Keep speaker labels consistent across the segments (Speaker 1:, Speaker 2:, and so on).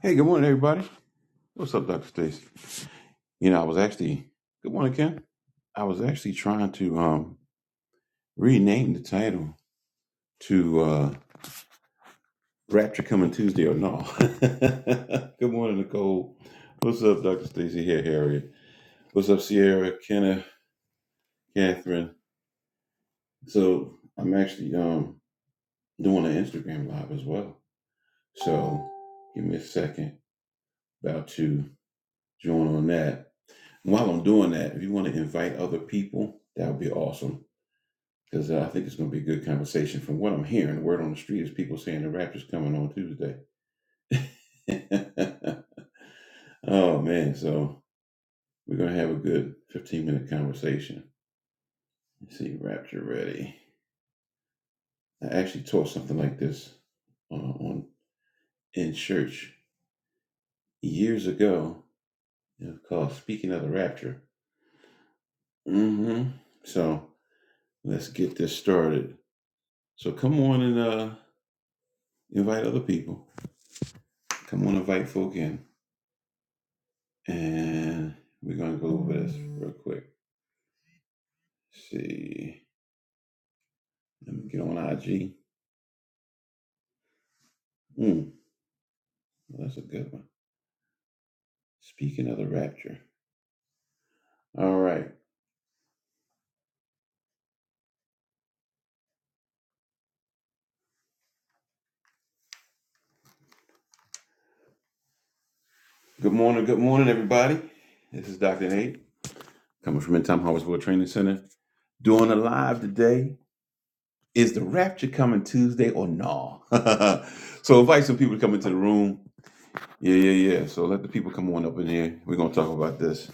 Speaker 1: Hey, good morning, everybody. What's up, Dr. Stacy? You know, I was actually good morning, Ken. I was actually trying to um rename the title to uh Rapture Coming Tuesday or No. good morning, Nicole. What's up, Dr. Stacy? Here, Harriet. What's up, Sierra, Kenneth, Catherine? So I'm actually um doing an Instagram live as well. So give me a second. About to join on that. While I'm doing that, if you want to invite other people, that would be awesome Because uh, I think it's going to be a good conversation. From what I'm hearing, the word on the street is people saying the rapture's coming on Tuesday. oh, man. So we're going to have a good 15 minute conversation. Let's see, rapture ready. I actually taught something like this uh, on in church years ago. It was called Speaking of the Rapture. mm hmm So let's get this started. So come on and uh, invite other people. Come on, invite folk in. And we're gonna go over this real quick. Let's see. Let me get on IG. Mm, well, that's a good one. Speaking of the rapture. All right. Good morning, good morning, everybody. This is Dr. Nate coming from In Time Harvestville Training Center. Doing a live today. Is the rapture coming Tuesday or no? so invite some people to come into the room. Yeah, yeah, yeah. So let the people come on up in here. We're gonna talk about this.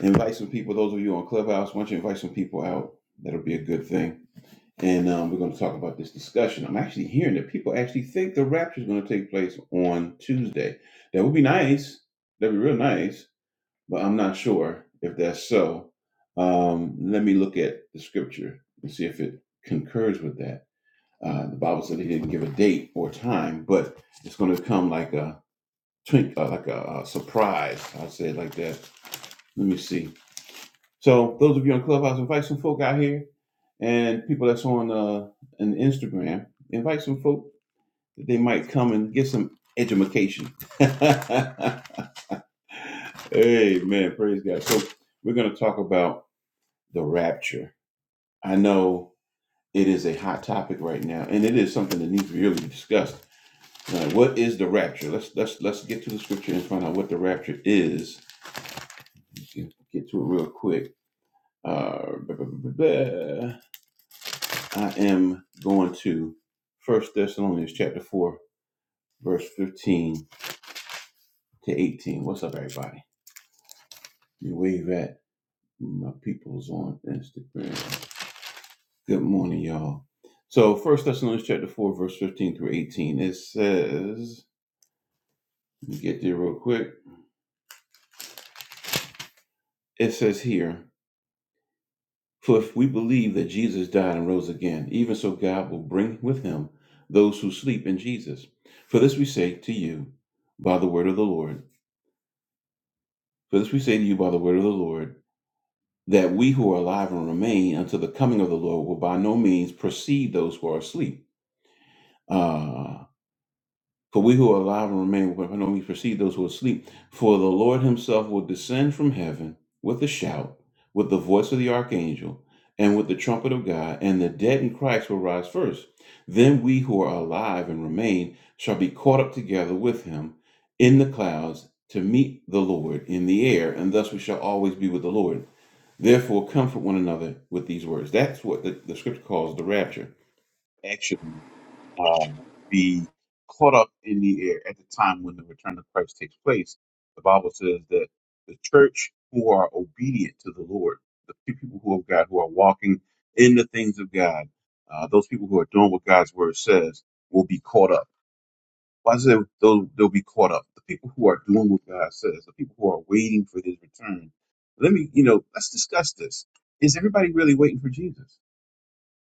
Speaker 1: Invite some people, those of you on Clubhouse, once you invite some people out, that'll be a good thing and um, we're going to talk about this discussion. I'm actually hearing that people actually think the rapture is going to take place on Tuesday. That would be nice. That'd be real nice, but I'm not sure if that's so. Um, let me look at the scripture and see if it concurs with that. Uh, the Bible said they didn't give a date or time, but it's going to come like a twink, uh, like a, uh surprise. I'll say it like that. Let me see. So those of you on Clubhouse, invite some folk out here and people that's on uh an Instagram, invite some folk that they might come and get some education. Amen. Praise God. So we're gonna talk about the rapture. I know it is a hot topic right now, and it is something that needs to be really discussed. Now, what is the rapture? Let's let's let's get to the scripture and find out what the rapture is. Get to it real quick. Uh, blah, blah, blah, blah. I am going to First Thessalonians chapter four verse 15 to 18. What's up, everybody? You wave at my peoples on Instagram. Good morning, y'all. So, First Thessalonians chapter 4, verse 15 through 18, it says, let me get there real quick. It says here, For if we believe that Jesus died and rose again, even so God will bring with him those who sleep in Jesus. For this we say to you by the word of the Lord. For this we say to you by the word of the Lord that we who are alive and remain until the coming of the Lord will by no means precede those who are asleep. Uh, for we who are alive and remain will by no means precede those who are asleep. For the Lord himself will descend from heaven with a shout, with the voice of the archangel, and with the trumpet of God, and the dead in Christ will rise first. Then we who are alive and remain shall be caught up together with him in the clouds to meet the Lord in the air, and thus we shall always be with the Lord. Therefore, comfort one another with these words. That's what the, the scripture calls the rapture. Actually, um, be caught up in the air at the time when the return of Christ takes place. The Bible says that the church who are obedient to the Lord, the few people who have God, who are walking in the things of God, uh, those people who are doing what God's word says, will be caught up why is it they'll, they'll be caught up? The people who are doing what God says, the people who are waiting for his return. Let me, you know, let's discuss this. Is everybody really waiting for Jesus?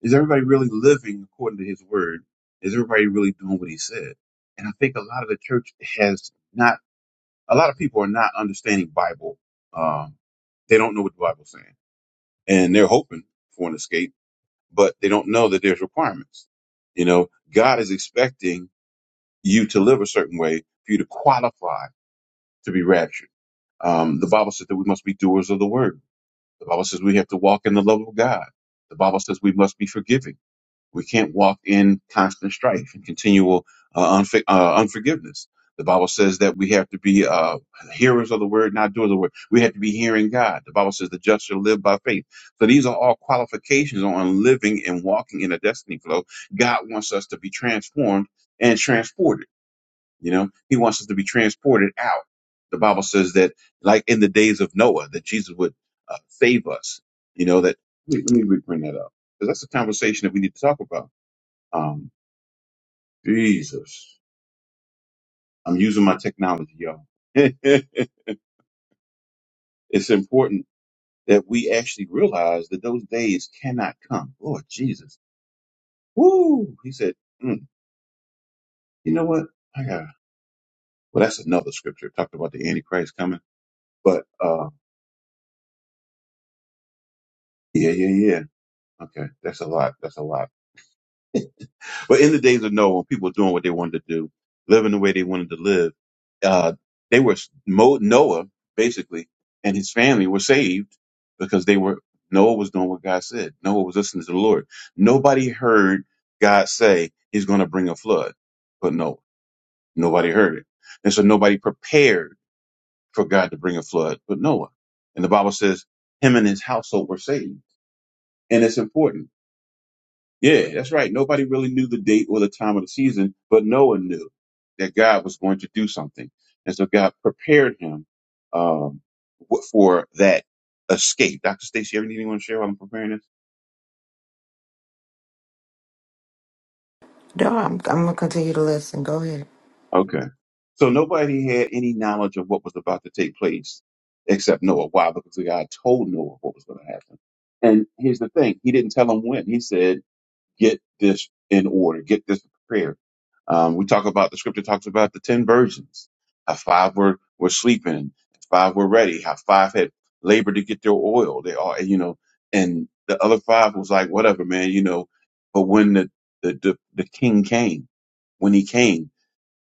Speaker 1: Is everybody really living according to his word? Is everybody really doing what he said? And I think a lot of the church has not, a lot of people are not understanding Bible. Um, they don't know what the Bible's saying. And they're hoping for an escape, but they don't know that there's requirements. You know, God is expecting you to live a certain way for you to qualify to be raptured. Um, the Bible says that we must be doers of the word. The Bible says we have to walk in the love of God. The Bible says we must be forgiving. We can't walk in constant strife and continual uh, unf- uh, unforgiveness. The Bible says that we have to be uh, hearers of the word, not doers of the word. We have to be hearing God. The Bible says the just shall live by faith. So these are all qualifications on living and walking in a destiny flow. God wants us to be transformed and transported. You know, he wants us to be transported out. The Bible says that, like in the days of Noah, that Jesus would uh, save us. You know, that let me, let me bring that up because that's a conversation that we need to talk about. Um, Jesus, I'm using my technology, y'all. it's important that we actually realize that those days cannot come. Lord Jesus, woo! He said, mm, you know what? I got. Well, that's another scripture It talked about the Antichrist coming, but uh, yeah, yeah, yeah. Okay, that's a lot. That's a lot. But in the days of Noah, when people were doing what they wanted to do, living the way they wanted to live, uh, they were Mo, Noah basically and his family were saved because they were Noah was doing what God said. Noah was listening to the Lord. Nobody heard God say He's going to bring a flood, but Noah. Nobody heard it, and so nobody prepared for God to bring a flood, but Noah. And the Bible says him and his household were saved, and it's important yeah, that's right. Nobody really knew the date or the time of the season, but Noah knew that God was going to do something. And so God prepared him um, w- for that escape. Dr. Stacy, you ever need anyone to share while I'm preparing this?
Speaker 2: No, I'm, I'm gonna continue to listen. Go ahead.
Speaker 1: Okay. So nobody had any knowledge of what was about to take place except Noah. Why? Because God told Noah what was going to happen. And here's the thing. He didn't tell him when. He said, get this in order, get this prepared. Um, we talk about the scripture talks about the ten virgins, how five were were sleeping, five were ready, how five had labored to get their oil. They all, you know, and the other five was like, whatever, man, you know. But when the the the, the king came, when he came.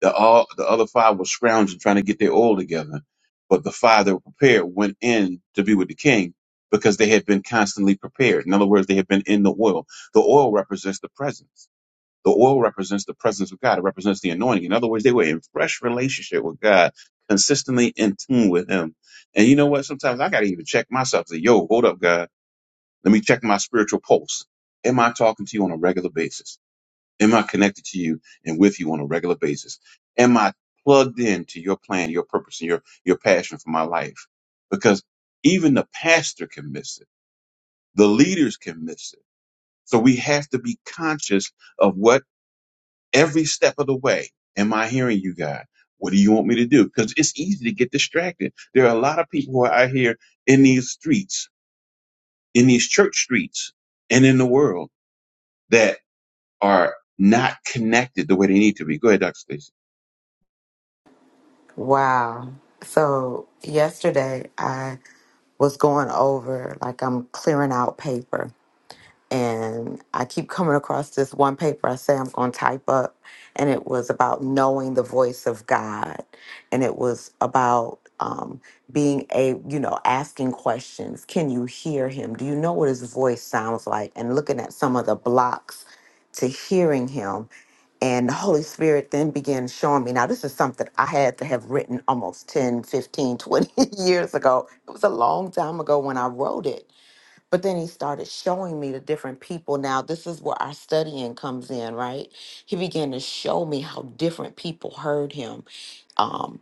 Speaker 1: The all the other five were scrounging, trying to get their oil together. But the five that were prepared went in to be with the king because they had been constantly prepared. In other words, they had been in the oil. The oil represents the presence. The oil represents the presence of God. It represents the anointing. In other words, they were in fresh relationship with God, consistently in tune with Him. And you know what? Sometimes I gotta even check myself. Say, "Yo, hold up, God. Let me check my spiritual pulse. Am I talking to you on a regular basis?" Am I connected to you and with you on a regular basis? Am I plugged into your plan, your purpose, and your, your passion for my life? Because even the pastor can miss it. The leaders can miss it. So we have to be conscious of what every step of the way. Am I hearing you, God? What do you want me to do? Because it's easy to get distracted. There are a lot of people who are out here in these streets, in these church streets, and in the world that are not connected the way they need to be. Go ahead, Dr. Stacey.
Speaker 2: Wow. So yesterday I was going over like I'm clearing out paper and I keep coming across this one paper I say I'm going to type up, and it was about knowing the voice of God, and it was about um, being a you know asking questions. Can you hear Him? Do you know what His voice sounds like? And looking at some of the blocks to hearing Him, and the Holy Spirit then began showing me. Now, this is something I had to have written almost 10, 15, 20 years ago. It was a long time ago when I wrote it. But then he started showing me the different people. Now, this is where our studying comes in, right? He began to show me how different people heard him um,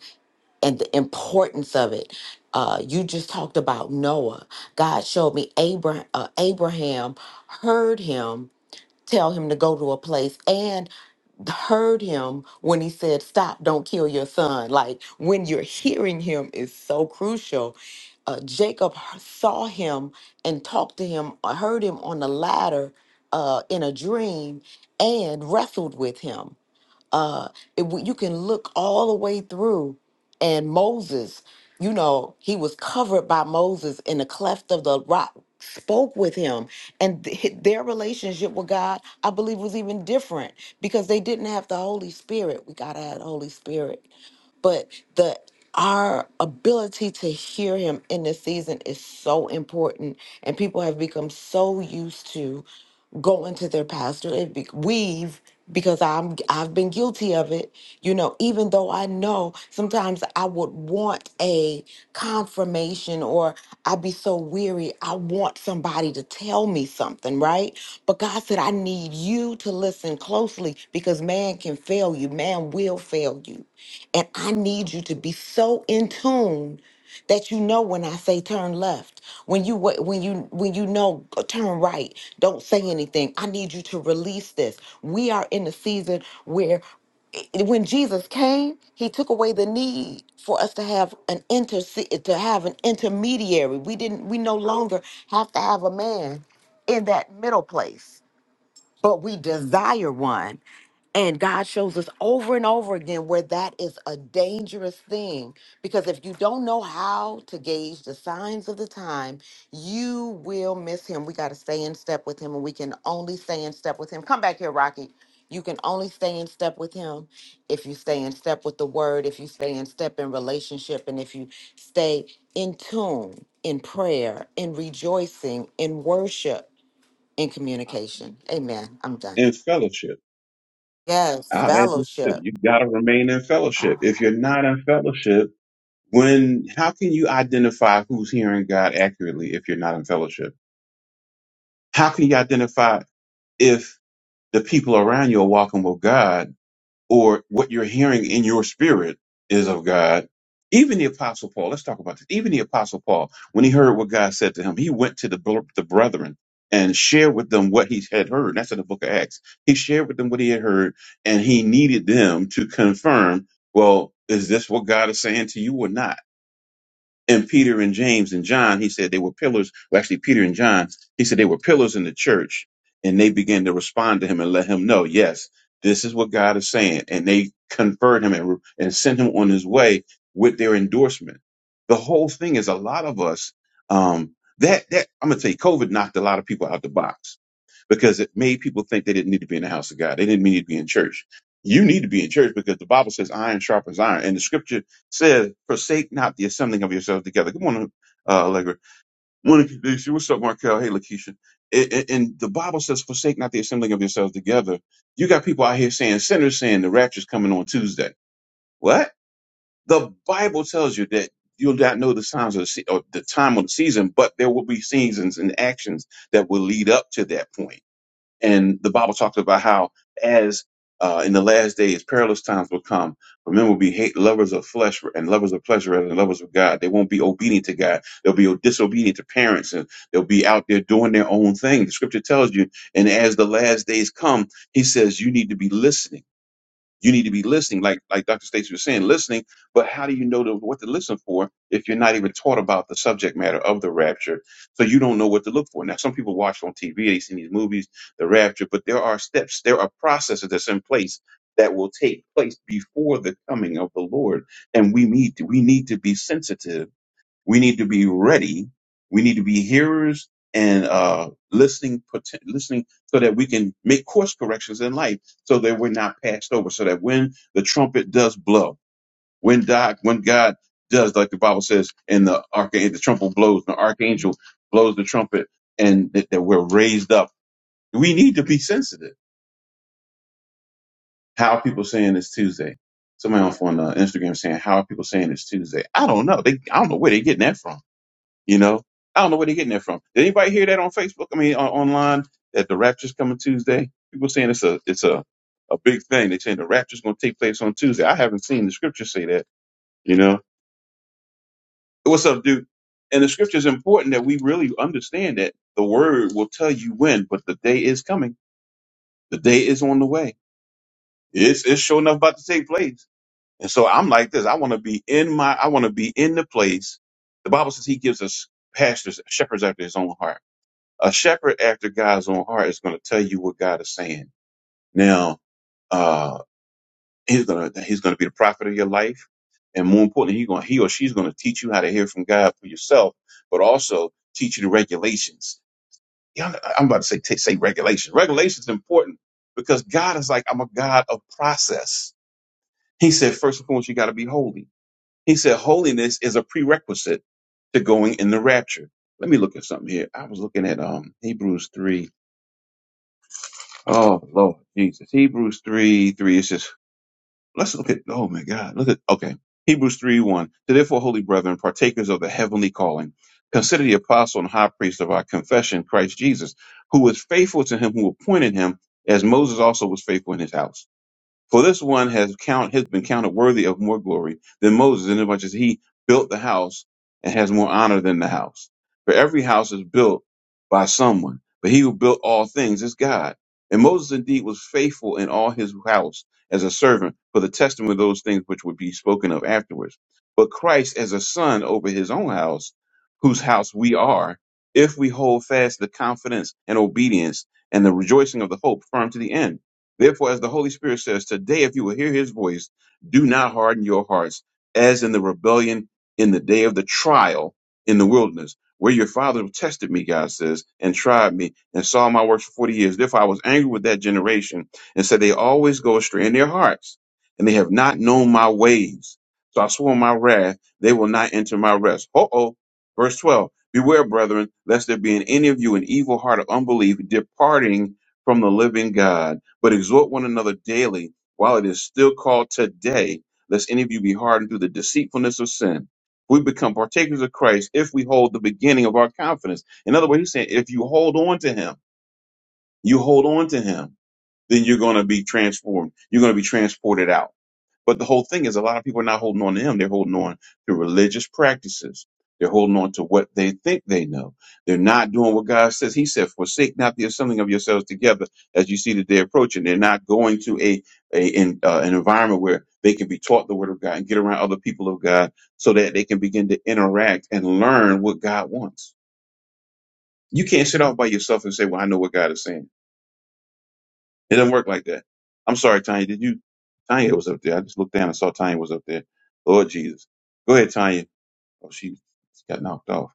Speaker 2: and the importance of it. Uh, you just talked about Noah. God showed me Abraham, uh, Abraham heard him tell him to go to a place and heard him when he said, Stop, don't kill your son. Like when you're hearing him is so crucial. Uh, Jacob h- saw him and talked to him, uh, heard him on the ladder uh, in a dream, and wrestled with him uh it, w- you can look all the way through and moses you know he was covered by moses in the cleft of the rock spoke with him and th- hi- their relationship with god i believe was even different because they didn't have the holy spirit we gotta have the holy spirit but the our ability to hear him in this season is so important and people have become so used to go into their pastor and be, weave because I'm I've been guilty of it. You know, even though I know sometimes I would want a confirmation or I'd be so weary, I want somebody to tell me something, right? But God said I need you to listen closely because man can fail you, man will fail you. And I need you to be so in tune that you know when I say turn left, when you wa- when you when you know uh, turn right, don't say anything. I need you to release this. We are in a season where i- i- when Jesus came, he took away the need for us to have an inter to have an intermediary. We didn't we no longer have to have a man in that middle place, but we desire one. And God shows us over and over again where that is a dangerous thing. Because if you don't know how to gauge the signs of the time, you will miss Him. We got to stay in step with Him, and we can only stay in step with Him. Come back here, Rocky. You can only stay in step with Him if you stay in step with the Word, if you stay in step in relationship, and if you stay in tune in prayer, in rejoicing, in worship, in communication. Amen. I'm done.
Speaker 1: in fellowship.
Speaker 2: Yes,
Speaker 1: Out at the ship.
Speaker 2: fellowship.
Speaker 1: You gotta remain in fellowship. If
Speaker 2: Um,
Speaker 1: you're not in fellowship, when how can you identify who's hearing God accurately if you're not in fellowship? How can you identify if the people around you are walking with God or what you're hearing in your spirit is of God. Even the Apostle Paul, let's talk about this. Even the Apostle Paul, when he heard what God said to him, he went to the, br- the brethren and shared with them what he had heard. That's in the book of Acts. He shared with them what he had heard, and he needed them to confirm, well, is this what God is saying to you or not? and Peter and James and John, he said they were pillars. Well, actually, Peter and John, he said they were pillars in the church, and they began to respond to him and let him know, yes, this is what God is saying, and they conferred him and, and sent him on his way with their endorsement. The whole thing is a lot of us. Um, that that I'm gonna tell you, COVID knocked a lot of people out the box because it made people think they didn't need to be in the house of God. They didn't need to be in church. You need to be in church because the Bible says iron sharpens iron. And the scripture says, forsake not the assembling of yourselves together. Good morning, uh, Allegra. Morning, Keisha. What's up, Markel? Hey, Lakeisha. A- a- And the Bible says, forsake not the assembling of yourselves together. You got people out here saying, sinners saying the rapture's coming on Tuesday. What? The Bible tells you that you'll not know the signs of the, se- or the time of the season, but there will be seasons and actions that will lead up to that point and the Bible talks about how, as uh, in the last days, perilous times will come. For men will be hate lovers of flesh and lovers of pleasure rather than lovers of God. They won't be obedient to God. They'll be disobedient to parents and they'll be out there doing their own thing. The scripture tells you. And as the last days come, he says you need to be listening you need to be listening, like like Dr. Stacy was saying, listening. But how do you know to, what to listen for if you're not even taught about the subject matter of the rapture? So you don't know what to look for. Now, some people watch on TV, they see these movies, the rapture, but there are steps, there are processes that's in place that will take place before the coming of the Lord, and we need to, we need to be sensitive we need to be ready. We need to be hearers and uh, listening, poten- listening, so that we can make course corrections in life, so that we're not passed over. So that when the trumpet does blow, when God, when God does, like the Bible says, and the archangel, the trumpet blows, the archangel blows the trumpet, and that, that we're raised up. We need to be sensitive. How are people saying it's Tuesday? Somebody on on, uh, Instagram saying, "How are people saying it's Tuesday?" I don't know. They, I don't know where they're getting that from You know, I don't know where they're getting that from. Did anybody hear that on Facebook? I mean, on, online that the rapture's coming Tuesday. People saying it's a it's a a big thing. They saying the rapture's going to take place on Tuesday. I haven't seen the scripture say that. You know, what's up, dude? And the scripture is important that we really understand that the word will tell you when, but the day is coming. The day is on the way. It's it's sure enough about to take place. And so I'm like this. I want to be in my. I want to be in the place. The Bible says He gives us pastors, shepherds after His own heart. a shepherd after God's own heart is going to tell you what God is saying. Now, uh, he's going to he's going to be the prophet of your life, and more importantly, he's going he or she's going to teach you how to hear from God for yourself, but also teach you the regulations. Y'all know- I'm about to say t- say regulation. Regulation is important because God is like I'm a God of process. He said first and foremost you got to be holy. He said holiness is a prerequisite to going in the rapture. Let me look at something here. I was looking at um Hebrews three Oh Lord Jesus. Hebrews three three. It says, let's look at oh my God. Look at okay. Hebrews three one. So therefore, holy brethren, partakers of the heavenly calling, consider the apostle and high priest of our confession, Christ Jesus, who was faithful to him who appointed him, as Moses also was faithful in his house. For this one has count has been counted worthy of more glory than Moses, inasmuch as he built the house and has more honor than the house. For every house is built by someone, but he who built all things is God. And Moses indeed was faithful in all his house as a servant for the testimony of those things which would be spoken of afterwards. But Christ as a son over his own house, whose house we are, if we hold fast the confidence and obedience and the rejoicing of the hope firm to the end. Therefore, as the Holy Spirit says, today, if you will hear his voice, do not harden your hearts, as in the rebellion in the day of the trial in the wilderness, where your fathers tested me, God says, and tried me, and saw my works for 40 years. Therefore, I was angry with that generation, and said, They always go astray in their hearts, and they have not known my ways. So I swore in my wrath, they will not enter my rest. Uh oh. Verse 12 Beware, brethren, lest there be in any of you an evil heart of unbelief, departing from the living God but exhort one another daily while it is still called today, lest any of you be hardened through the deceitfulness of sin. We become partakers of Christ if we hold the beginning of our confidence. In other words, he's saying if you hold on to him, you hold on to him, then you're going to be transformed. You're going to be transported out. But the whole thing is a lot of people are not holding on to him. They're holding on to religious practices. They're holding on to what they think they know. They're not doing what God says. He said, forsake not the assembling of yourselves together as you see the day approaching. They're not going to a, a in, uh, an environment where they can be taught the word of God and get around other people of God so that they can begin to interact and learn what God wants. You can't sit off by yourself and say, well, I know what God is saying it doesn't work like that. I'm sorry, Tanya. Did you? Tanya was up there. I just looked down and saw Tanya was up there. Lord Jesus. Go ahead, Tanya. Oh, she, she got knocked off.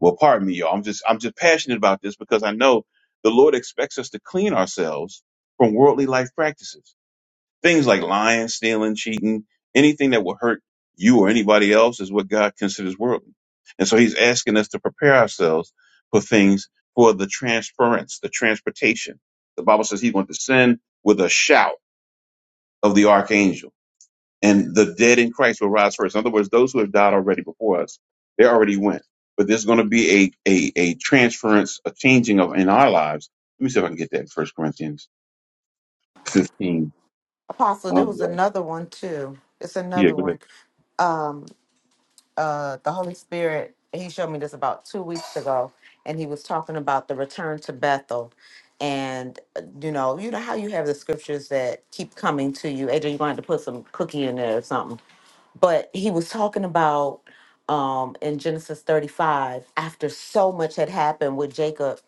Speaker 1: Well, pardon me, y'all. I'm just, I'm just passionate about this because I know the Lord expects us to clean ourselves from worldly life practices. Things like lying, stealing, cheating, anything that will hurt you or anybody else is what God considers worldly. And so he's asking us to prepare ourselves for things for the transference, the transportation. The Bible says he's going to descend with a shout of the archangel and the dead in Christ will rise first. In other words, those who have died already before us, they already went. But there's going to be a, a, a transference, a changing of in our lives. Let me see if I can get that in First Corinthians 15.
Speaker 2: Apostle, there was
Speaker 1: Um,
Speaker 2: another one too. It's
Speaker 1: yeah,
Speaker 2: another
Speaker 1: go ahead.
Speaker 2: one. Um, uh, the Holy Spirit, he showed me this about two weeks ago, and he was talking about the return to Bethel. And uh, you know, you know how you have the scriptures that keep coming to you. AJ, you're going to have to put some cookie in there or something. but he was talking about um in Genesis 35 after so much had happened with Jacob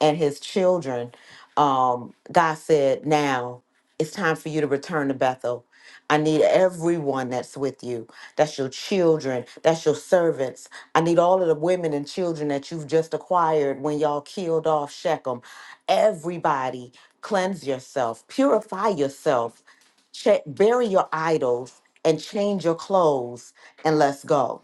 Speaker 2: and his children um God said now it's time for you to return to Bethel I need everyone that's with you that's your children that's your servants I need all of the women and children that you've just acquired when y'all killed off Shechem everybody cleanse yourself purify yourself Check, bury your idols and change your clothes and let's go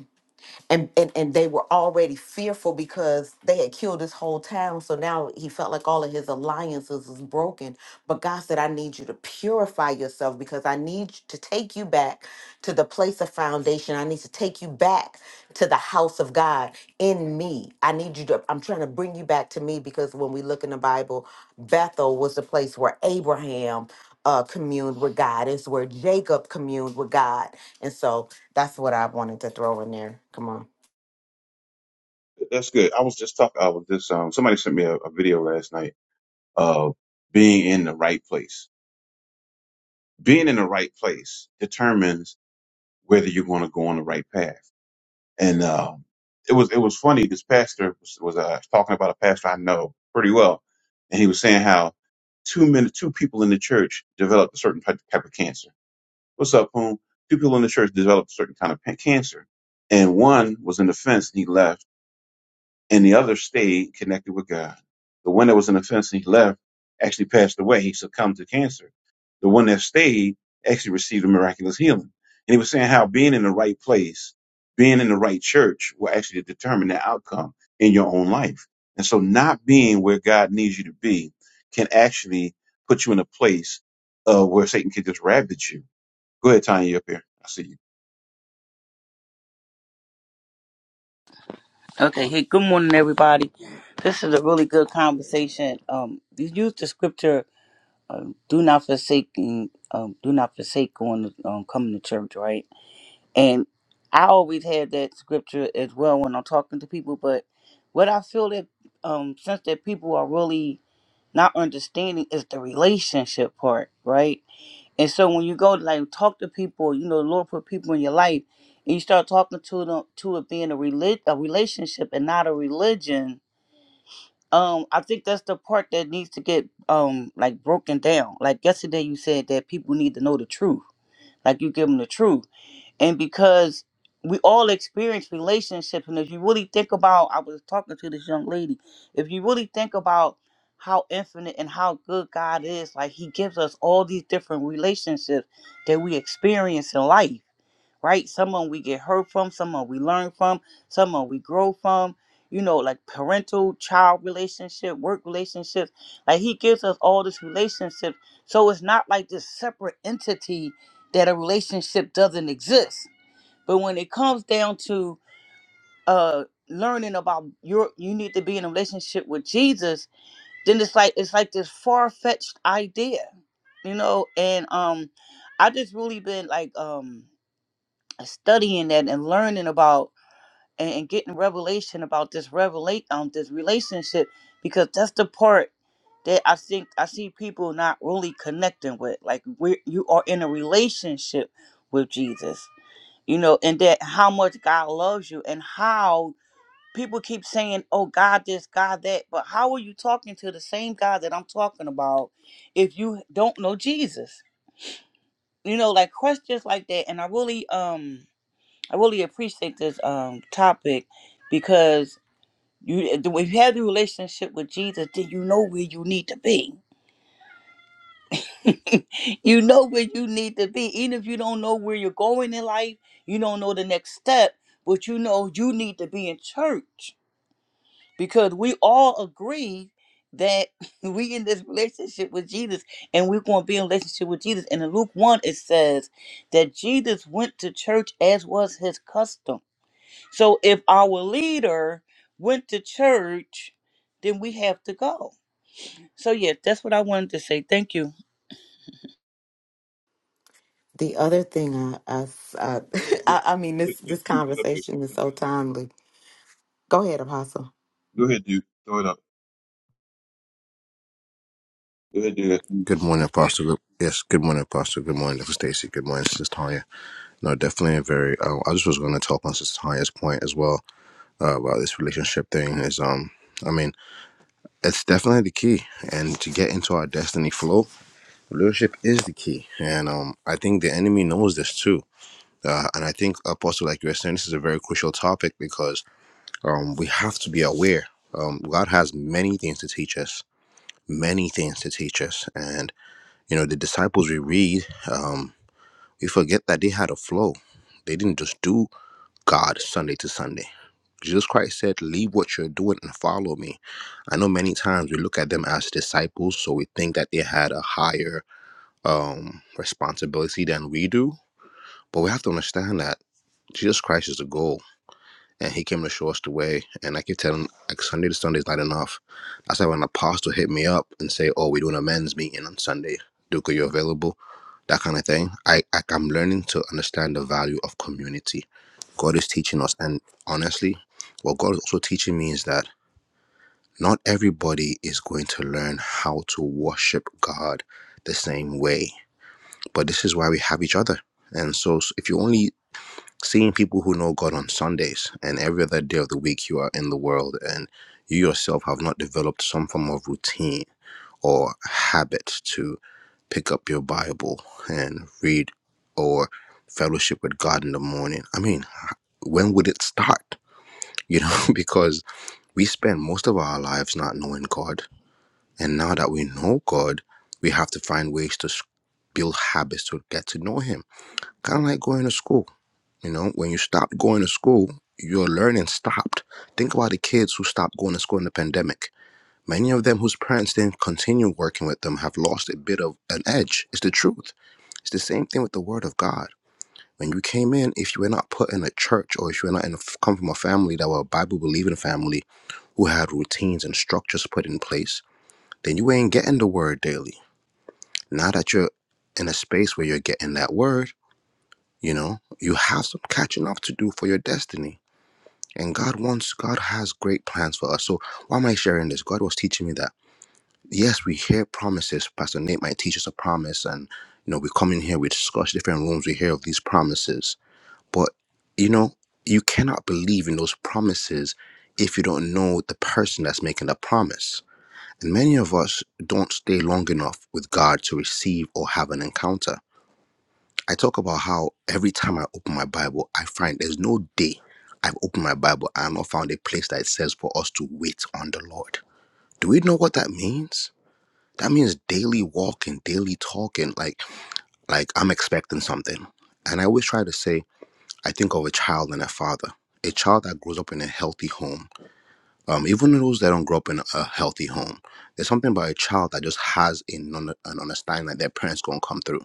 Speaker 2: and, and and they were already fearful because they had killed this whole town so now he felt like all of his alliances was broken but god said i need you to purify yourself because i need to take you back to the place of foundation i need to take you back to the house of god in me i need you to i'm trying to bring you back to me because when we look in the bible bethel was the place where abraham uh, communed with god it's where jacob communed with god and so that's what I wanted to throw in there. Come on.
Speaker 1: That's good. I was just talking. I was just um. Somebody sent me a, a video last night of being in the right place. Being in the right place determines whether you're going to go on the right path. And um, it was it was funny. This pastor was, was uh, talking about a pastor I know pretty well, and he was saying how two men, two people in the church developed a certain type type of cancer. What's up, Poon? Two people in the church developed a certain kind of pa- cancer, and one was in the fence and he left and the other stayed connected with God. The one that was in the fence and he left actually passed away. He succumbed to cancer. The one that stayed actually received a miraculous healing. And he was saying how being in the right place, being in the right church will actually determine the outcome in your own life. And so not being where God needs you to be can actually put you in a place uh, where Satan can just ravage you. Go ahead, Tanya, you up here. I see you.
Speaker 3: Okay, hey, good morning, everybody. This is a really good conversation. Um, you use the scripture, um, "Do not forsake, um, do not forsake going, um, coming to church," right? And I always had that scripture as well when I'm talking to people. But what I feel that, um, since that people are really not understanding is the relationship part, right? And so when you go like talk to people, you know, the Lord put people in your life, and you start talking to them to it being a relig- a relationship and not a religion. Um, I think that's the part that needs to get um like broken down. Like yesterday, you said that people need to know the truth. Like you give them the truth and because we all experience relationships and if you really think about i was talking to this young lady if you really think about how infinite and how good god is like he gives us all these different relationships that we experience in life right someone we get hurt from someone we learn from someone we grow from you know like parental child relationship work relationships like he gives us all this relationship so it's not like this separate entity that a relationship doesn't exist but when it comes down to uh learning about your you need to be in a relationship with Jesus, then it's like it's like this far fetched idea, you know, and um I just really been like um studying that and learning about and, and getting revelation about this revelate um this relationship because that's the part that I think I see people not really connecting with. Like we you are in a relationship with Jesus you know, and that how much God loves you and how people keep saying, oh, God, this, God, that. But how are you talking to the same God that I'm talking about if you don't know Jesus? You know, like questions like that. And I really, um, I really appreciate this um topic because you, when you have the relationship with Jesus, then you know where you need to be you know where you need to be. Even if you don't know where you're going in life, you don't know the next step, but you know you need to be in church because we all agree that we in this relationship with Jesus and we're going to be in relationship with Jesus. And in Luke 1, it says that Jesus went to church as was his custom. So if our leader went to church, then we have to go. So, yeah, that's what I wanted to say. Thank you.
Speaker 2: The other thing I I s- I,
Speaker 1: Go ahead, Duke.
Speaker 2: I- I mean
Speaker 1: Wait,
Speaker 2: this
Speaker 1: Duke,
Speaker 2: this
Speaker 1: Duke is up here, so-
Speaker 2: conversation is
Speaker 1: so- so-
Speaker 2: so
Speaker 1: so-
Speaker 2: timely. Go ahead, Apostle.
Speaker 1: Go ahead, Duke. Throw it up. Go ahead, Duke.
Speaker 4: Good morning, Pastor. Good- Yes, good morning, Pastor. Good morning, Dr. Stacy. Good morning, Sister Tanya. No, definitely a very. Um, I just was going to talk on Sister Tanya's point as well uh, about this relationship thing. Is um, I mean, it's definitely the key, and to get into our destiny flow, relationship is the key, and um, I think the enemy knows this too. Uh, and I think, Apostle, like you were saying, this is a very crucial topic because um, we have to be aware. Um, God has many things to teach us, many things to teach us, and you know the disciples we read. Um, We forget that they had a flow. They didn't just do God Sunday to Sunday. Jesus Christ said, Leave what you're doing and follow me. I know many times we look at them as disciples, so we think that they had a higher um, responsibility than we do. But we have to understand that Jesus Christ is the goal and he came to show us the way. And I keep telling him, like Sunday to Sunday is not enough. That's why when an apostle hit me up and say, "Oh, we're doing a men's meeting on Sunday. Duke, are you available?" That kind of thing. I, I I'm learning to understand the value of community. God is teaching us, and honestly, what God is also teaching me is that not everybody is going to learn how to worship God the same way. But this is why we have each other. And so, s- if you only seeing people who know God on Sundays and every other day of the week you are in the world and you yourself have not developed some form of routine or habit to pick up your Bible and read or fellowship with God in the morning. I mean, when would it start? You know, because we spend most of our lives not knowing God. And now that we know God, we have to find ways to s- build habits to get to know Him. Kind of like going to school you know, when you stopped going to school, your learning stopped. Think about the kids who stopped going to school in the pandemic. Many of them whose parents didn't continue working with them have lost a bit of an edge. It's the truth. It's the same thing with the Word of God. When you came in, if you were not put in a church or if you were not in a, come from a family that were a Bible believing family who had routines and structures put in place, then you ain't getting the Word daily. Now that you're in a space where you're getting that Word, you know, you have some catching up to do for your destiny And God wants, God has great plans for us. So why am I sharing this? God was teaching me that, yes, we hear promises. Pastor Nate might teach us a promise. And, you know, we come in here, we discuss different rooms, we hear of these promises. But, you know, you cannot believe in those promises if you don't know the person that's making the promise. And many of us don't stay long enough with God to receive or have an encounter. I talk about how every time I open my Bible, I find there's no day I've opened my Bible and I've not found a place that it says for us to wait on the Lord. Do we know what that means? That means daily walking, daily talking, like like I'm expecting something. And I always try to say, I think of a child and a father. A child that grows up in a healthy home, um, even those that don't grow up in a healthy home, there's something about a child that just has an, un- an understanding that their parents gonna come through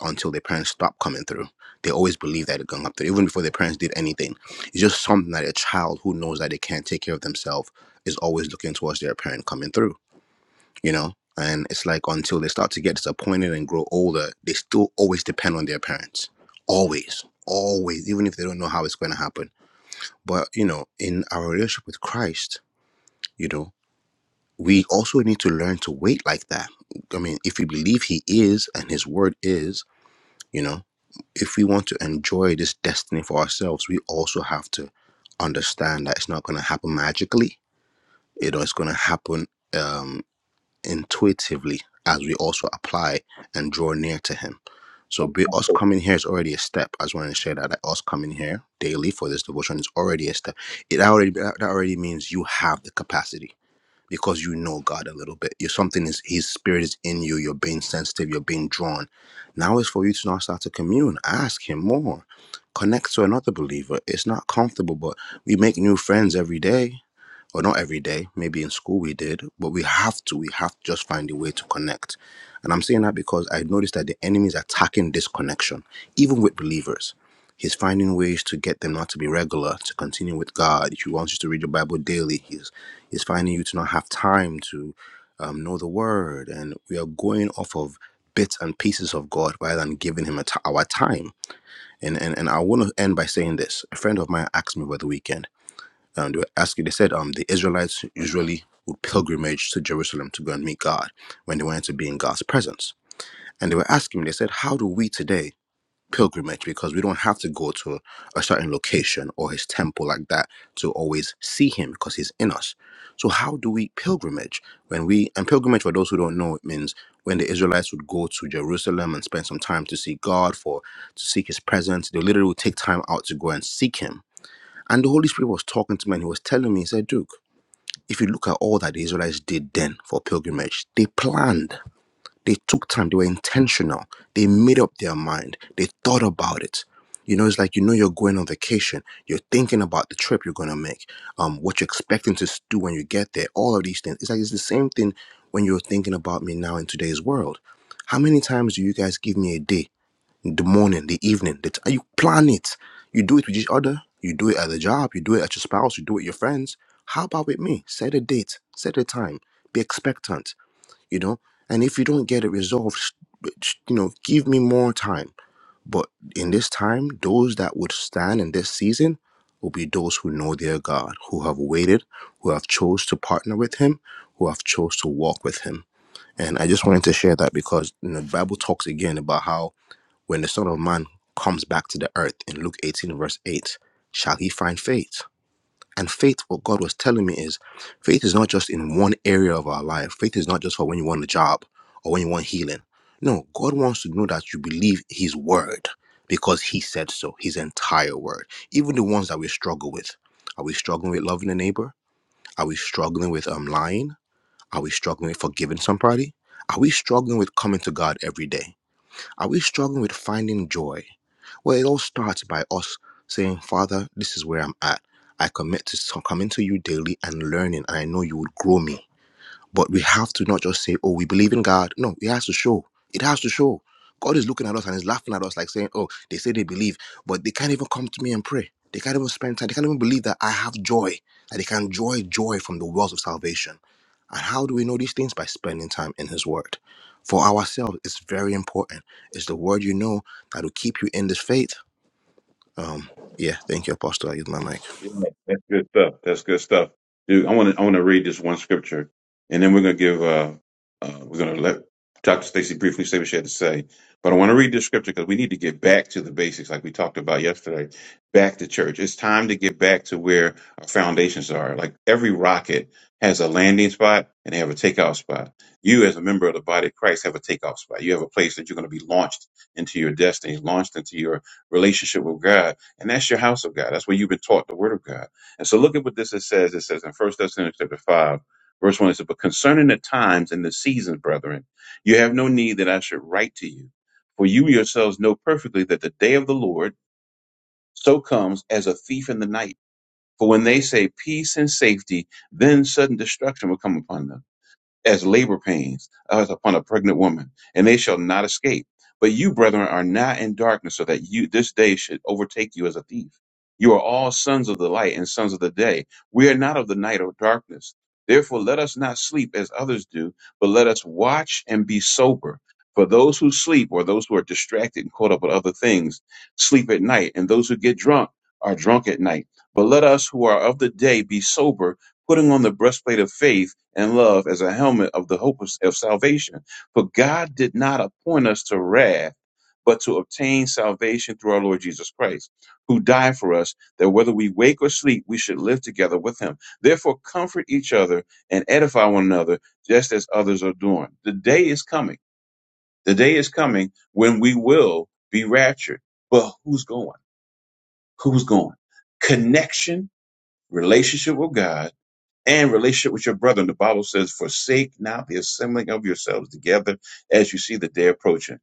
Speaker 4: until their parents stop coming through. They always believe that they're going up through, even before their parents did anything. It's just something that a child who knows that they can't take care of themselves is always looking towards their parent coming through, you know? And it's like until they start to get disappointed and grow older, they still always depend on their parents. Always. Always. Even if they don't know how it's going to happen. But, you know, in our relationship with Christ, you know, we also need to learn to wait like that. I mean, if we believe He is and His word is, you know. if we want to enjoy this destiny for ourselves, we also have to understand that it's not going to happen magically. You know, it's going to happen um, intuitively as we also apply and draw near to Him. So, be, us coming here is already a step. I just want to share that, that us coming here daily for this devotion is already a step. It already that already means you have the capacity because you know God a little bit. You're something is His Spirit is in you. You're being sensitive. You're being drawn. Now it's for you to now start to commune. Ask Him more. Connect to another believer. It's not comfortable, but we make new friends every day or not every day. Maybe in school we did, but we have to. We have to just find a way to connect. And I'm saying that because I noticed that the enemy is attacking this connection, even with believers. He's finding ways to get them not to be regular, to continue with God. He wants you to read your Bible daily. He's he's finding you to not have time to um, know the Word, and we are going off of bits and pieces of God rather than giving Him a t- our time. And and and I want to end by saying this. A friend of mine asked me over the weekend um, they were asking. They said um, the Israelites usually would pilgrimage to Jerusalem to go and meet God when they wanted to be in God's presence. And they were asking me. They said, "How do we today pilgrimage? Because we don't have to go to a certain location or His temple like that to always see Him because He's in us. So how do we pilgrimage when we and pilgrimage for those who don't know it means when the Israelites would go to Jerusalem and spend some time to see God for to seek His presence. They literally would take time out to go and seek Him." And the Holy Spirit was talking to me and he was telling me, he said, Duke, if you look at all that the Israelites did then for pilgrimage, they planned, they took time, they were intentional, they made up their mind, they thought about it. You know, it's like you know you're going on vacation, you're thinking about the trip you're gonna make, um, what you're expecting to do when you get there, all of these things. It's like it's the same thing when you're thinking about me now in today's world. How many times do you guys give me a day the morning, the evening, the t- you plan it. You do it with each other. You do it at the job. You do it at your spouse. You do it with your friends. How about with me? Set a date. Set a time. Be expectant. You know. And if you don't get it resolved, sh- sh- you know, give me more time. But in this time, those that would stand in this season will be those who know their God, who have waited, who have chose to partner with Him, who have chose to walk with Him. And I just wanted to share that because you know, the Bible talks again about how when the Son of Man comes back to the earth in Luke 18, verse 8, shall he find faith? And faith, what God was telling me is faith is not just in one area of our life. Faith is not just for when you want a job or when you want healing. No, God wants to know that you believe his word because he said so, his entire word. Even the ones that we struggle with. Are we struggling with loving a neighbor? Are we struggling with um, lying? Are we struggling with forgiving somebody? Are we struggling with coming to God every day? Are we struggling with finding joy? Well, it all starts by us saying, Father, this is where I'm at. I commit to so- coming to you daily and learning, and I know you would grow me. But we have to not just say, oh, we believe in God. No, it has to show. It has to show. God is looking at us and is laughing at us, like saying, oh, they say they believe, but they can't even come to me and pray. They can't even spend time. They can't even believe that I have joy, that they can enjoy joy from the wells of salvation. And how do we know these things? By spending time in His Word. For ourselves, it's very important. It's the Word you know that will keep you in this faith. Um, yeah, thank you, Apostle. I use my mic.
Speaker 1: Yeah, that's good stuff. That's good stuff, dude. I want to I want to read this one scripture, and then we're gonna give uh, uh we're gonna let Dr. Stacy briefly say what she had to say. But I want to read this scripture because we need to get back to the basics, like we talked about yesterday. Back to church. It's time to get back to where our foundations are. Like every rocket has a landing spot and they have a takeoff spot. You, as a member of the body of Christ, have a takeoff spot. You have a place that you're going to be launched into your destiny, launched into your relationship with God And that's your house of God. That's where you've been taught the word of God. And so look at what this it says. It says in First Thessalonians chapter 5, verse 1, it says, But concerning the times and the seasons, brethren, you have no need that I should write to you. For you yourselves know perfectly that the day of the Lord so comes as a thief in the night. For when they say peace and safety, then sudden destruction will come upon them as labor pains as upon a pregnant woman, and they shall not escape. But you, brethren, are not in darkness, so that you this day should overtake you as a thief. You are all sons of the light and sons of the day. We are not of the night or darkness. Therefore, let us not sleep as others do, but let us watch and be sober. For those who sleep, or those who are distracted and caught up with other things, sleep at night, and those who get drunk are drunk at night. But let us who are of the day be sober, putting on the breastplate of faith and love as a helmet of the hope of, of salvation. For God did not appoint us to wrath, but to obtain salvation through our Lord Jesus Christ, who died for us, that whether we wake or sleep, we should live together with him. Therefore, comfort each other and edify one another, just as others are doing. The day is coming. The day is coming when we will be raptured. But who's going? Who's going? Connection, relationship with God and relationship with your brethren. The Bible says, forsake not the assembling of yourselves together as you see the day approaching.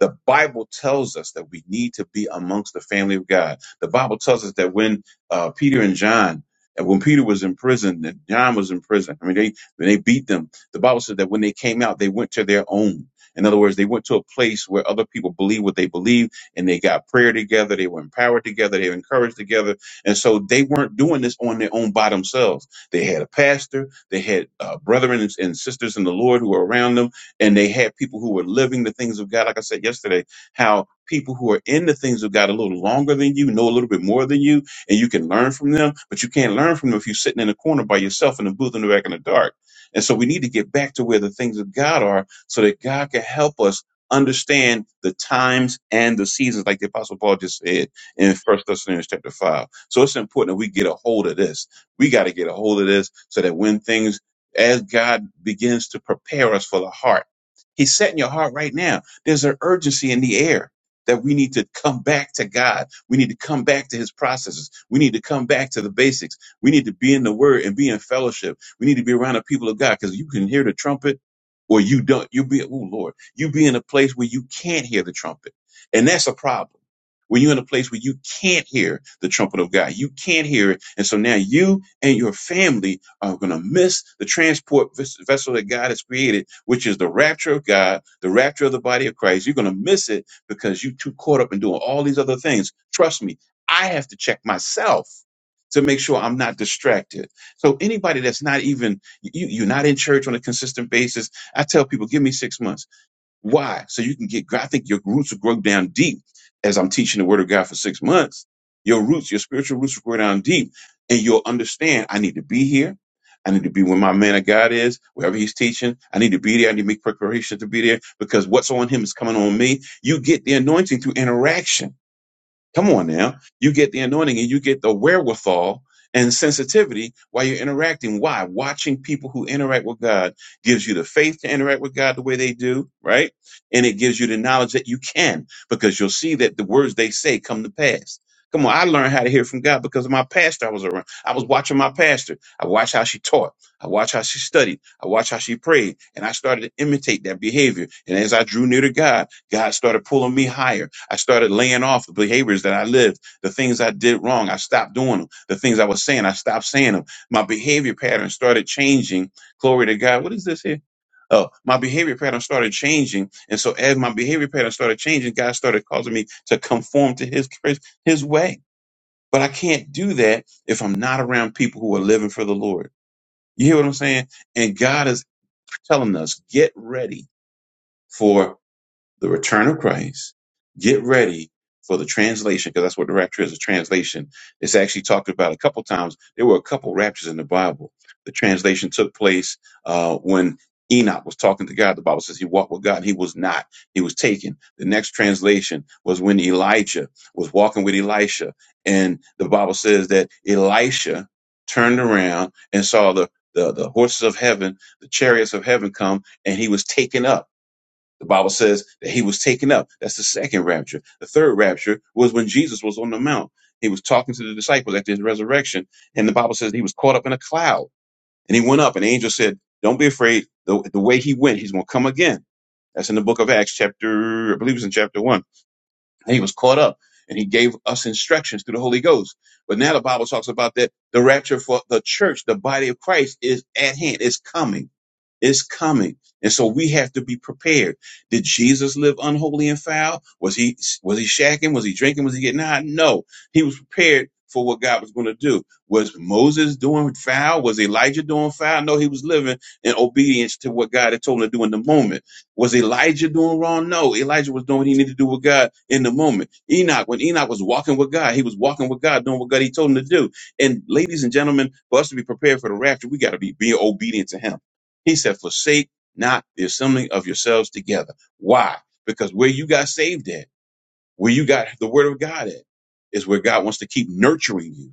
Speaker 1: The Bible tells us that we need to be amongst the family of God. The Bible tells us that when uh, Peter and John, and when Peter was in prison, and John was in prison, I mean, they, when they beat them, the Bible said that when they came out, they went to their own. In other words, they went to a place where other people believe what they believe and they got prayer together. They were empowered together. They were encouraged together. And so they weren't doing this on their own by themselves they had a pastor. They had uh, brethren and, and sisters in the Lord who were around them, and they had people who were living the things of God. Like I said yesterday, how people who are in the things of God a little longer than you know a little bit more than you, and you can learn from them. But you can't learn from them if you're sitting in a corner by yourself in a booth in the back in the dark. And so we need to get back to where the things of God are, so that God can help us understand the times and the seasons, like the Apostle Paul just said in First Thessalonians chapter five. So it's important that we get a hold of this we got to get a hold of this so that when things, as God begins to prepare us for the heart, He's setting your heart right now. There's an urgency in the air that we need to come back to God. We need to come back to His processes. We need to come back to the basics. We need to be in the Word and be in fellowship. We need to be around the people of God because you can hear the trumpet or you don't. You be, oh Lord, you be in a place where you can't hear the trumpet. And that's a problem when you're in a place where you can't hear the trumpet of God. You can't hear it. And so now you and your family are going to miss the transport ves- vessel that God has created, which is the rapture of God, the rapture of the body of Christ. You're going to miss it because you are too caught up in doing all these other things. Trust me, I have to check myself to make sure I'm not distracted. So anybody that's not even you, you're not in church on a consistent basis, I tell people, give me six months. Why? So you can get, I think your roots will grow down deep as I'm teaching the word of God for six months. Your roots, your spiritual roots will grow down deep and you'll understand I need to be here. I need to be where my man of God is, wherever he's teaching. I need to be there. I need to make preparation to be there because what's on him is coming on me. You get the anointing through interaction. Come on now. You get the anointing and you get the wherewithal and sensitivity while you're interacting. Why? Watching people who interact with God gives you the faith to interact with God the way they do, right? And it gives you the knowledge that you can because you'll see that the words they say come to pass. Come on, I learned how to hear from God because of my pastor I was around. I was watching my pastor. I watched how she taught. I watched how she studied. I watched how she prayed. And I started to imitate that behavior. And as I drew near to God, God started pulling me higher. I started laying off the behaviors that I lived, the things I did wrong. I stopped doing them. The things I was saying, I stopped saying them. My behavior pattern started changing. Glory to God. What is this here? Oh, my behavior pattern started changing, and so as my behavior pattern started changing, God started causing me to conform to His His way. But I can't do that if I'm not around people who are living for the Lord. You hear what I'm saying? And God is telling us, get ready for the return of Christ. Get ready for the translation, because that's what the rapture is, a translation. It's actually talked about a couple times. There were a couple raptures in the Bible. The translation took place uh, when Enoch was talking to God. The Bible says he walked with God. He was not. He was taken. The next translation was when Elijah was walking with Elisha. And the Bible says that Elisha turned around and saw the, the, the horses of heaven, the chariots of heaven come, and he was taken up the Bible says that he was taken up. That's the second rapture. The third rapture was when Jesus was on the mount. He was talking to the disciples after his resurrection, and the Bible says he was caught up in a cloud. And he went up, and the angel said, Don't be afraid. The, the way he went, he's going to come again. That's in the book of Acts, chapter, I believe it's in chapter one. And he was caught up, and he gave us instructions through the Holy Ghost. But now the Bible talks about that the rapture for the church, the body of Christ, is at hand, it's coming is coming. And so we have to be prepared. Did Jesus live unholy and foul? Was he was he shacking? Was he drinking? Was he getting high? No. He was prepared for what God was going to do. Was Moses doing foul? Was Elijah doing foul? No, he was living in obedience to what God had told him to do in the moment. Was Elijah doing wrong? No, Elijah was doing what he needed to do with God in the moment. Enoch, when Enoch was walking with God, he was walking with God, doing what God he told him to do. And ladies and gentlemen, for us to be prepared for the rapture, we got to be being obedient to him he said, forsake not the assembling of yourselves together. Why? Because where you got saved at, where you got the word of God at, is where God wants to keep nurturing you.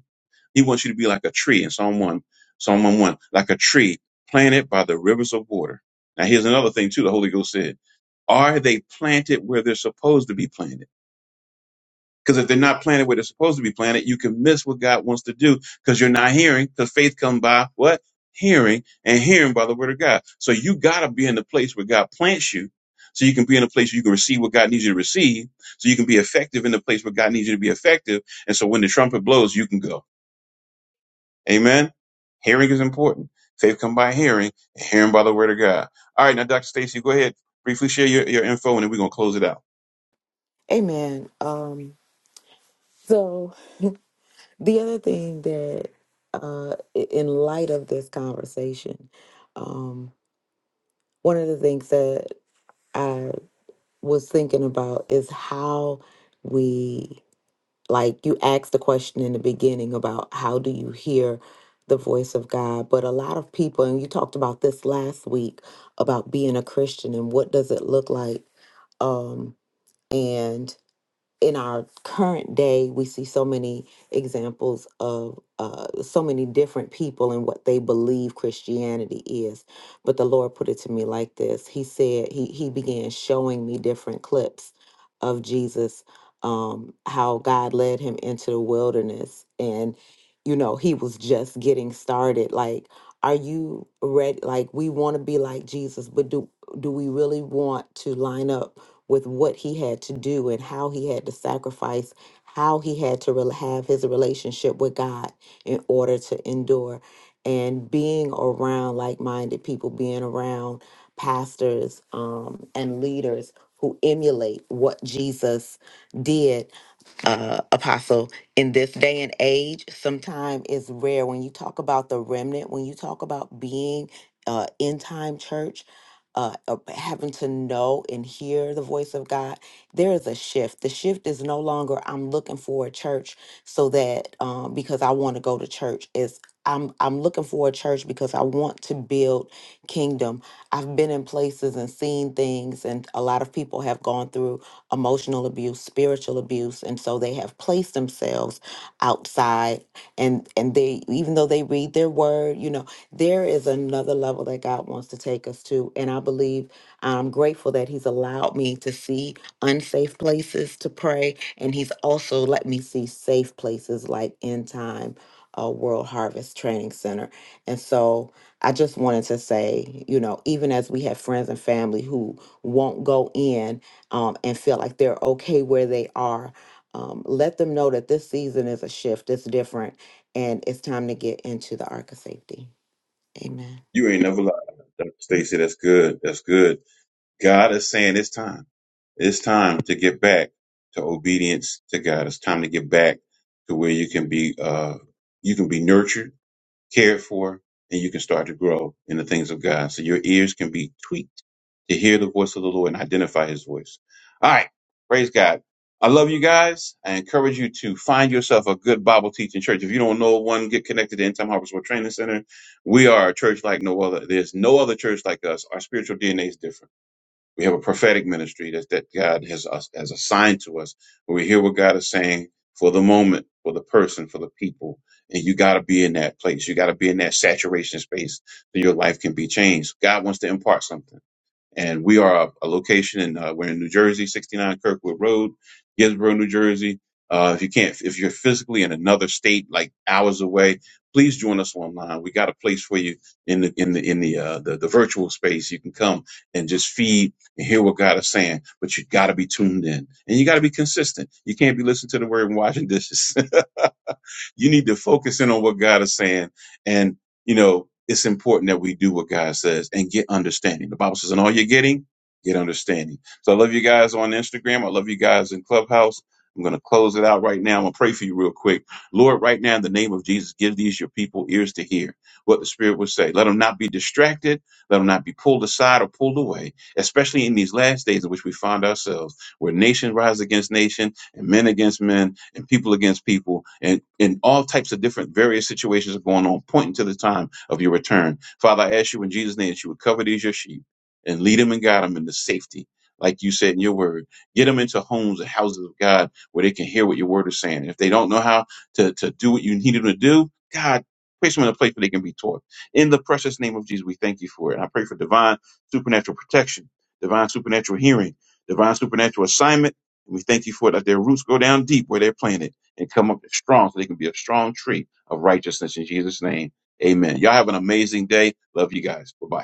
Speaker 1: He wants you to be like a tree in Psalm 1, Psalm 1, 1, like a tree planted by the rivers of water. Now here's another thing too, the Holy Ghost said, are they planted where they're supposed to be planted? Because if they're not planted where they're supposed to be planted, you can miss what God wants to do because you're not hearing. Because faith come by what? Hearing and hearing by the word of God. So you gotta be in the place where God plants you. So you can be in a place where you can receive what God needs you to receive. So you can be effective in the place where God needs you to be effective. And so when the trumpet blows, you can go. Amen. Hearing is important. Faith come by hearing and hearing by the word of God. All right. Now, Dr. Stacy, go ahead. Briefly share your, your info and then we're going to close it out.
Speaker 2: Amen. Um so the other thing that uh i- in light of this conversation, um one of the things that I was thinking about is how we like you asked the question in the beginning about how do you hear the voice of God, but a lot of people, and you talked about this last week about being a Christian and what does it look like. Um, and in our current day, we see so many examples of uh, so many different people and what they believe Christianity is. But the Lord put it to me like this He said, He, he began showing me different clips of Jesus, um, how God led him into the wilderness. And, you know, he was just getting started. Like, are you ready? Like, we want to be like Jesus, but do, do we really want to line up? with what he had to do and how he had to sacrifice, how he had to rel have his relationship with God in order to endure. And being around like minded people, being around pastors um, and leaders who emulate what Jesus did uh, apostle in this day and age sometimes it's rare when you talk about the remnant when you talk about being uh, in time church uh, uh, having to know and hear the voice of god there is a shift the shift is no longer i'm looking for a church so that um, because i want to go to church it's I'm, I'm looking for a church because I want to build kingdom. I've been in places and seen things, and a lot of people have gone through emotional abuse, spiritual abuse, and so they have placed themselves outside and and they even though they read their word, you know, there is another level that God wants to take us to, and I believe I'm grateful that he's allowed me to see unsafe places to pray and he's also let me see safe places like End Time uh, World Harvest Training Center. And so I just wanted to say, you know, even as we have friends and family who won't go in um, and feel like they're okay where they are. Um, let them know that this season is a shift, it's different, and it's time to get into the arc of safety. Amen.
Speaker 1: You ain't never lied. Dr. Stacy, that's good. That's good. God is saying it's time. It's time to get back to obedience to God. It's time to get back to where you can be uh you can be nurtured, cared for, and you can start to grow in the things of God. So your ears can be tweaked to hear the voice of the Lord and identify his voice. All right. Praise God. I love you guys. I encourage you to find yourself a good Bible teaching church. If you don't know one, get connected to End Time Harvest World Training Center. We are a church like no other. There's no other church like us. Our spiritual DNA is different. We have a prophetic ministry that, that God has us has assigned to us. we hear what God is saying for the moment, for the person, for the people. And you gotta be in that place. You gotta be in that saturation space that your life can be changed. God wants to impart something. And we are a, a location in uh, we're in New Jersey, 69 Kirkwood Road, Ginsborough, New Jersey. Uh, if you can't, if you're physically in another state, like hours away, please join us online. We got a place for you in the in the in the uh, the, the virtual space. You can come and just feed and hear what God is saying, but you got to be tuned in and you got to be consistent. You can't be listening to the word and washing dishes. You need to focus in on what God is saying. And, you know, it's important that we do what God says and get understanding. The Bible says, and all you're getting, get understanding. So I love you guys on Instagram. I love you guys in Clubhouse. I'm going to close it out right now. I'm going to pray for you real quick. Lord, right now, in the name of Jesus, give these your people ears to hear what the Spirit would say. Let them not be distracted. Let them not be pulled aside or pulled away, especially in these last days in which we find ourselves, where nation rise against nation and men against men and people against people and, and all types of different various situations are going on, pointing to the time of your return. Father, I ask you in Jesus' name that you would cover these your sheep and lead them and guide them into safety. Like you said in your word, get them into homes and houses of God where they can hear what your word is saying. And if they don't know how to, to do what you need them to do, God, place them in a place where they can be taught. In the precious name of Jesus, we thank you for it. And I pray for divine supernatural protection, divine supernatural hearing, divine supernatural assignment we thank you for it, that their roots go down deep where they're planted and come up strong so they can be a strong tree of righteousness in Jesus' name. Amen. Y'all have an amazing day. Love you guys. Bye bye.